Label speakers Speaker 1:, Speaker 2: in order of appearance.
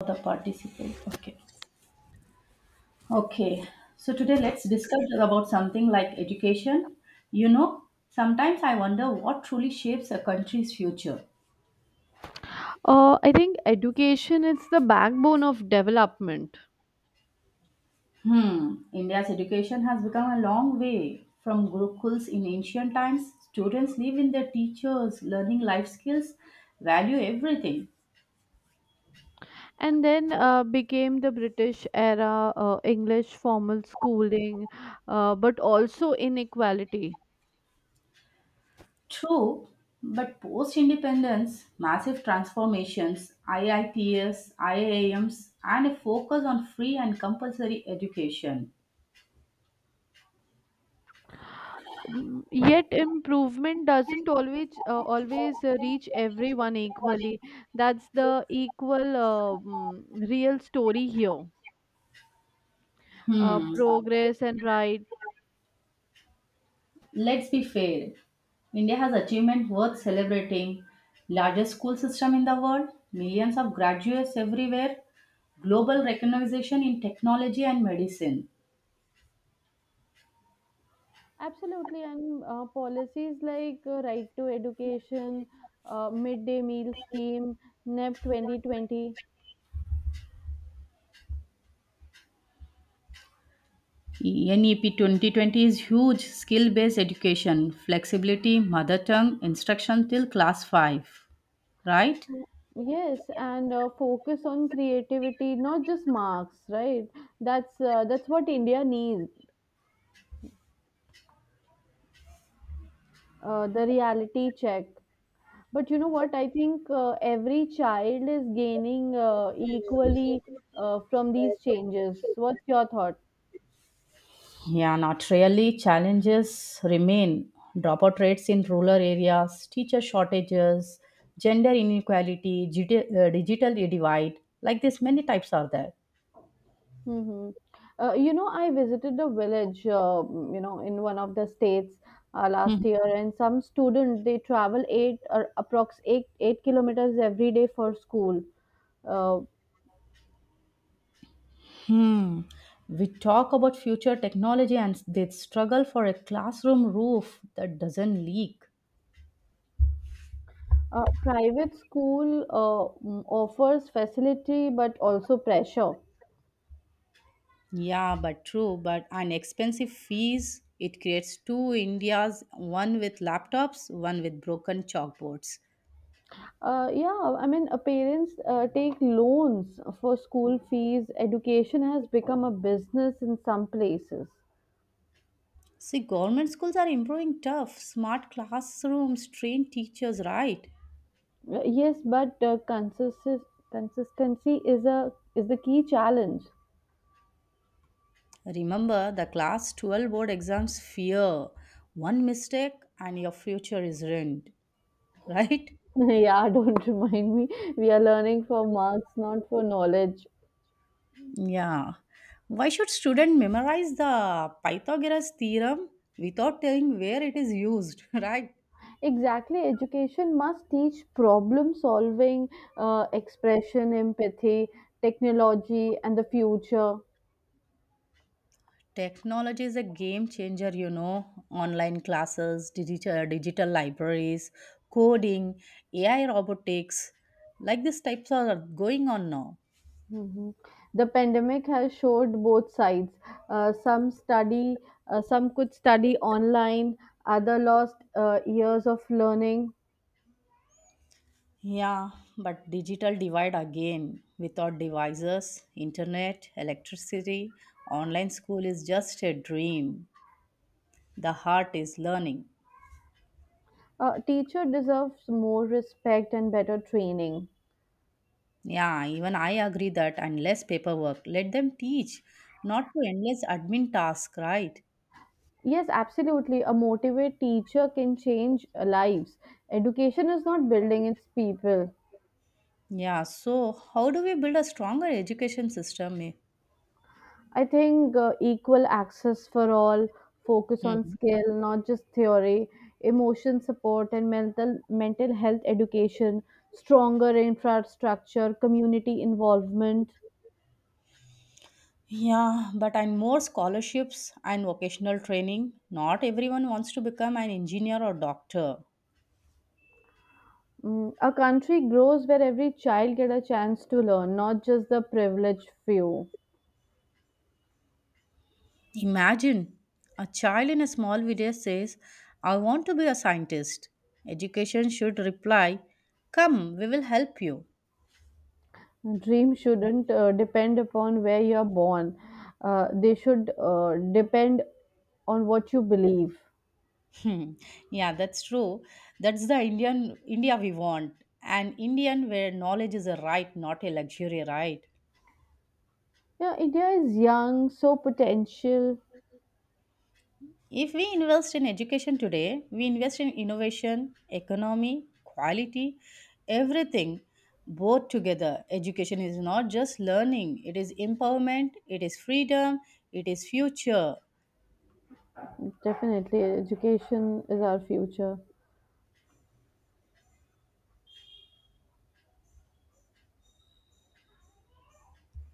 Speaker 1: The participant, okay. Okay, so today let's discuss about something like education you know Sometimes I wonder what truly shapes a country's future.
Speaker 2: I think education is the backbone of development.
Speaker 1: Hmm. India's education has become a long way from gurukuls. In ancient times, students live in their teachers learning life skills, value everything.
Speaker 2: And then became the British era English formal schooling, but also inequality.
Speaker 1: True, but post independence, massive transformations, IITS, IAMs, and a focus on free and compulsory education.
Speaker 2: Yet improvement doesn't always reach everyone equally. That's the real story here. Progress and right.
Speaker 1: Let's be fair. India has achievement worth celebrating. Largest school system in the world, millions of graduates everywhere, global recognition in technology and medicine.
Speaker 2: Absolutely, and policies like right to education, midday meal scheme, NEP 2020.
Speaker 1: NEP 2020 is huge skill based education, flexibility, mother tongue, instruction till class 5, right?
Speaker 2: Mm. Yes, and focus on creativity, not just marks, right? That's what India needs, the reality check. But you know what? I think every child is gaining equally from these changes. What's your thought?
Speaker 1: Yeah, not really. Challenges remain. Dropout rates in rural areas, teacher shortages, gender inequality, digital divide. Like this, many types are there.
Speaker 2: Hmm. I visited a village, in one of the states last year, and some student they travel 8 or approx eight kilometers every day for school. Uh,
Speaker 1: Hmm. We talk about future technology and they struggle for a classroom roof that doesn't leak.
Speaker 2: Private school, uh, offers facility but also pressure.
Speaker 1: Yeah, but true. But an expensive fees, it creates two Indias, one with laptops, one with broken chalkboards.
Speaker 2: Yeah, I mean, parents take loans for school fees. Education has become a business in some places.
Speaker 1: See, government schools are improving tough, smart classrooms, trained teachers, right?
Speaker 2: Yes, but consistency is the key challenge.
Speaker 1: Remember the class 12 board exams fear. One mistake and your future is ruined, right?
Speaker 2: Yeah, don't remind me. We are learning for marks, not for knowledge.
Speaker 1: Yeah. Why should student memorize the Pythagoras theorem without telling where it is used, right?
Speaker 2: Exactly, education must teach problem solving, expression, empathy, technology, and the future.
Speaker 1: Technology is a game changer. Online classes, digital libraries, coding, AI robotics, like these types are going on now.
Speaker 2: Mhm. The pandemic has showed both sides. Uh, some study, some could study online, other lost years of learning.
Speaker 1: Yeah, but digital divide again. Without devices, internet, electricity, online school is just a dream. The heart is learning.
Speaker 2: A teacher deserves more respect and better training.
Speaker 1: Yeah, even I agree that and less paperwork. Let them teach, not to endless admin task, right?
Speaker 2: Yes, absolutely. A motivated teacher can change lives. Education is not building, it's people.
Speaker 1: Yeah, so how do we build a stronger education system? Eh?
Speaker 2: I think equal access for all, focus on
Speaker 1: Mhm.
Speaker 2: skill, not just theory, emotion support, and mental health education, stronger infrastructure, community involvement.
Speaker 1: Yeah, but and more scholarships and vocational training. Not everyone wants to become an engineer or doctor.
Speaker 2: A country grows where every child get a chance to learn, not just the privileged few.
Speaker 1: Imagine a child in a small village says, I want to be a scientist. Education should reply, come, we will help you.
Speaker 2: A dream shouldn't depend upon where you're born. They should depend on what you believe.
Speaker 1: Hmm. Yeah, that's true. That's the Indian India we want. An Indian where knowledge is a right, not a luxury, right?
Speaker 2: Yeah, India is young, so potential.
Speaker 1: If we invest in education today, we invest in innovation, economy, quality, everything both together. Education is not just learning, it is empowerment, it is freedom, it is future.
Speaker 2: Definitely, education is our future.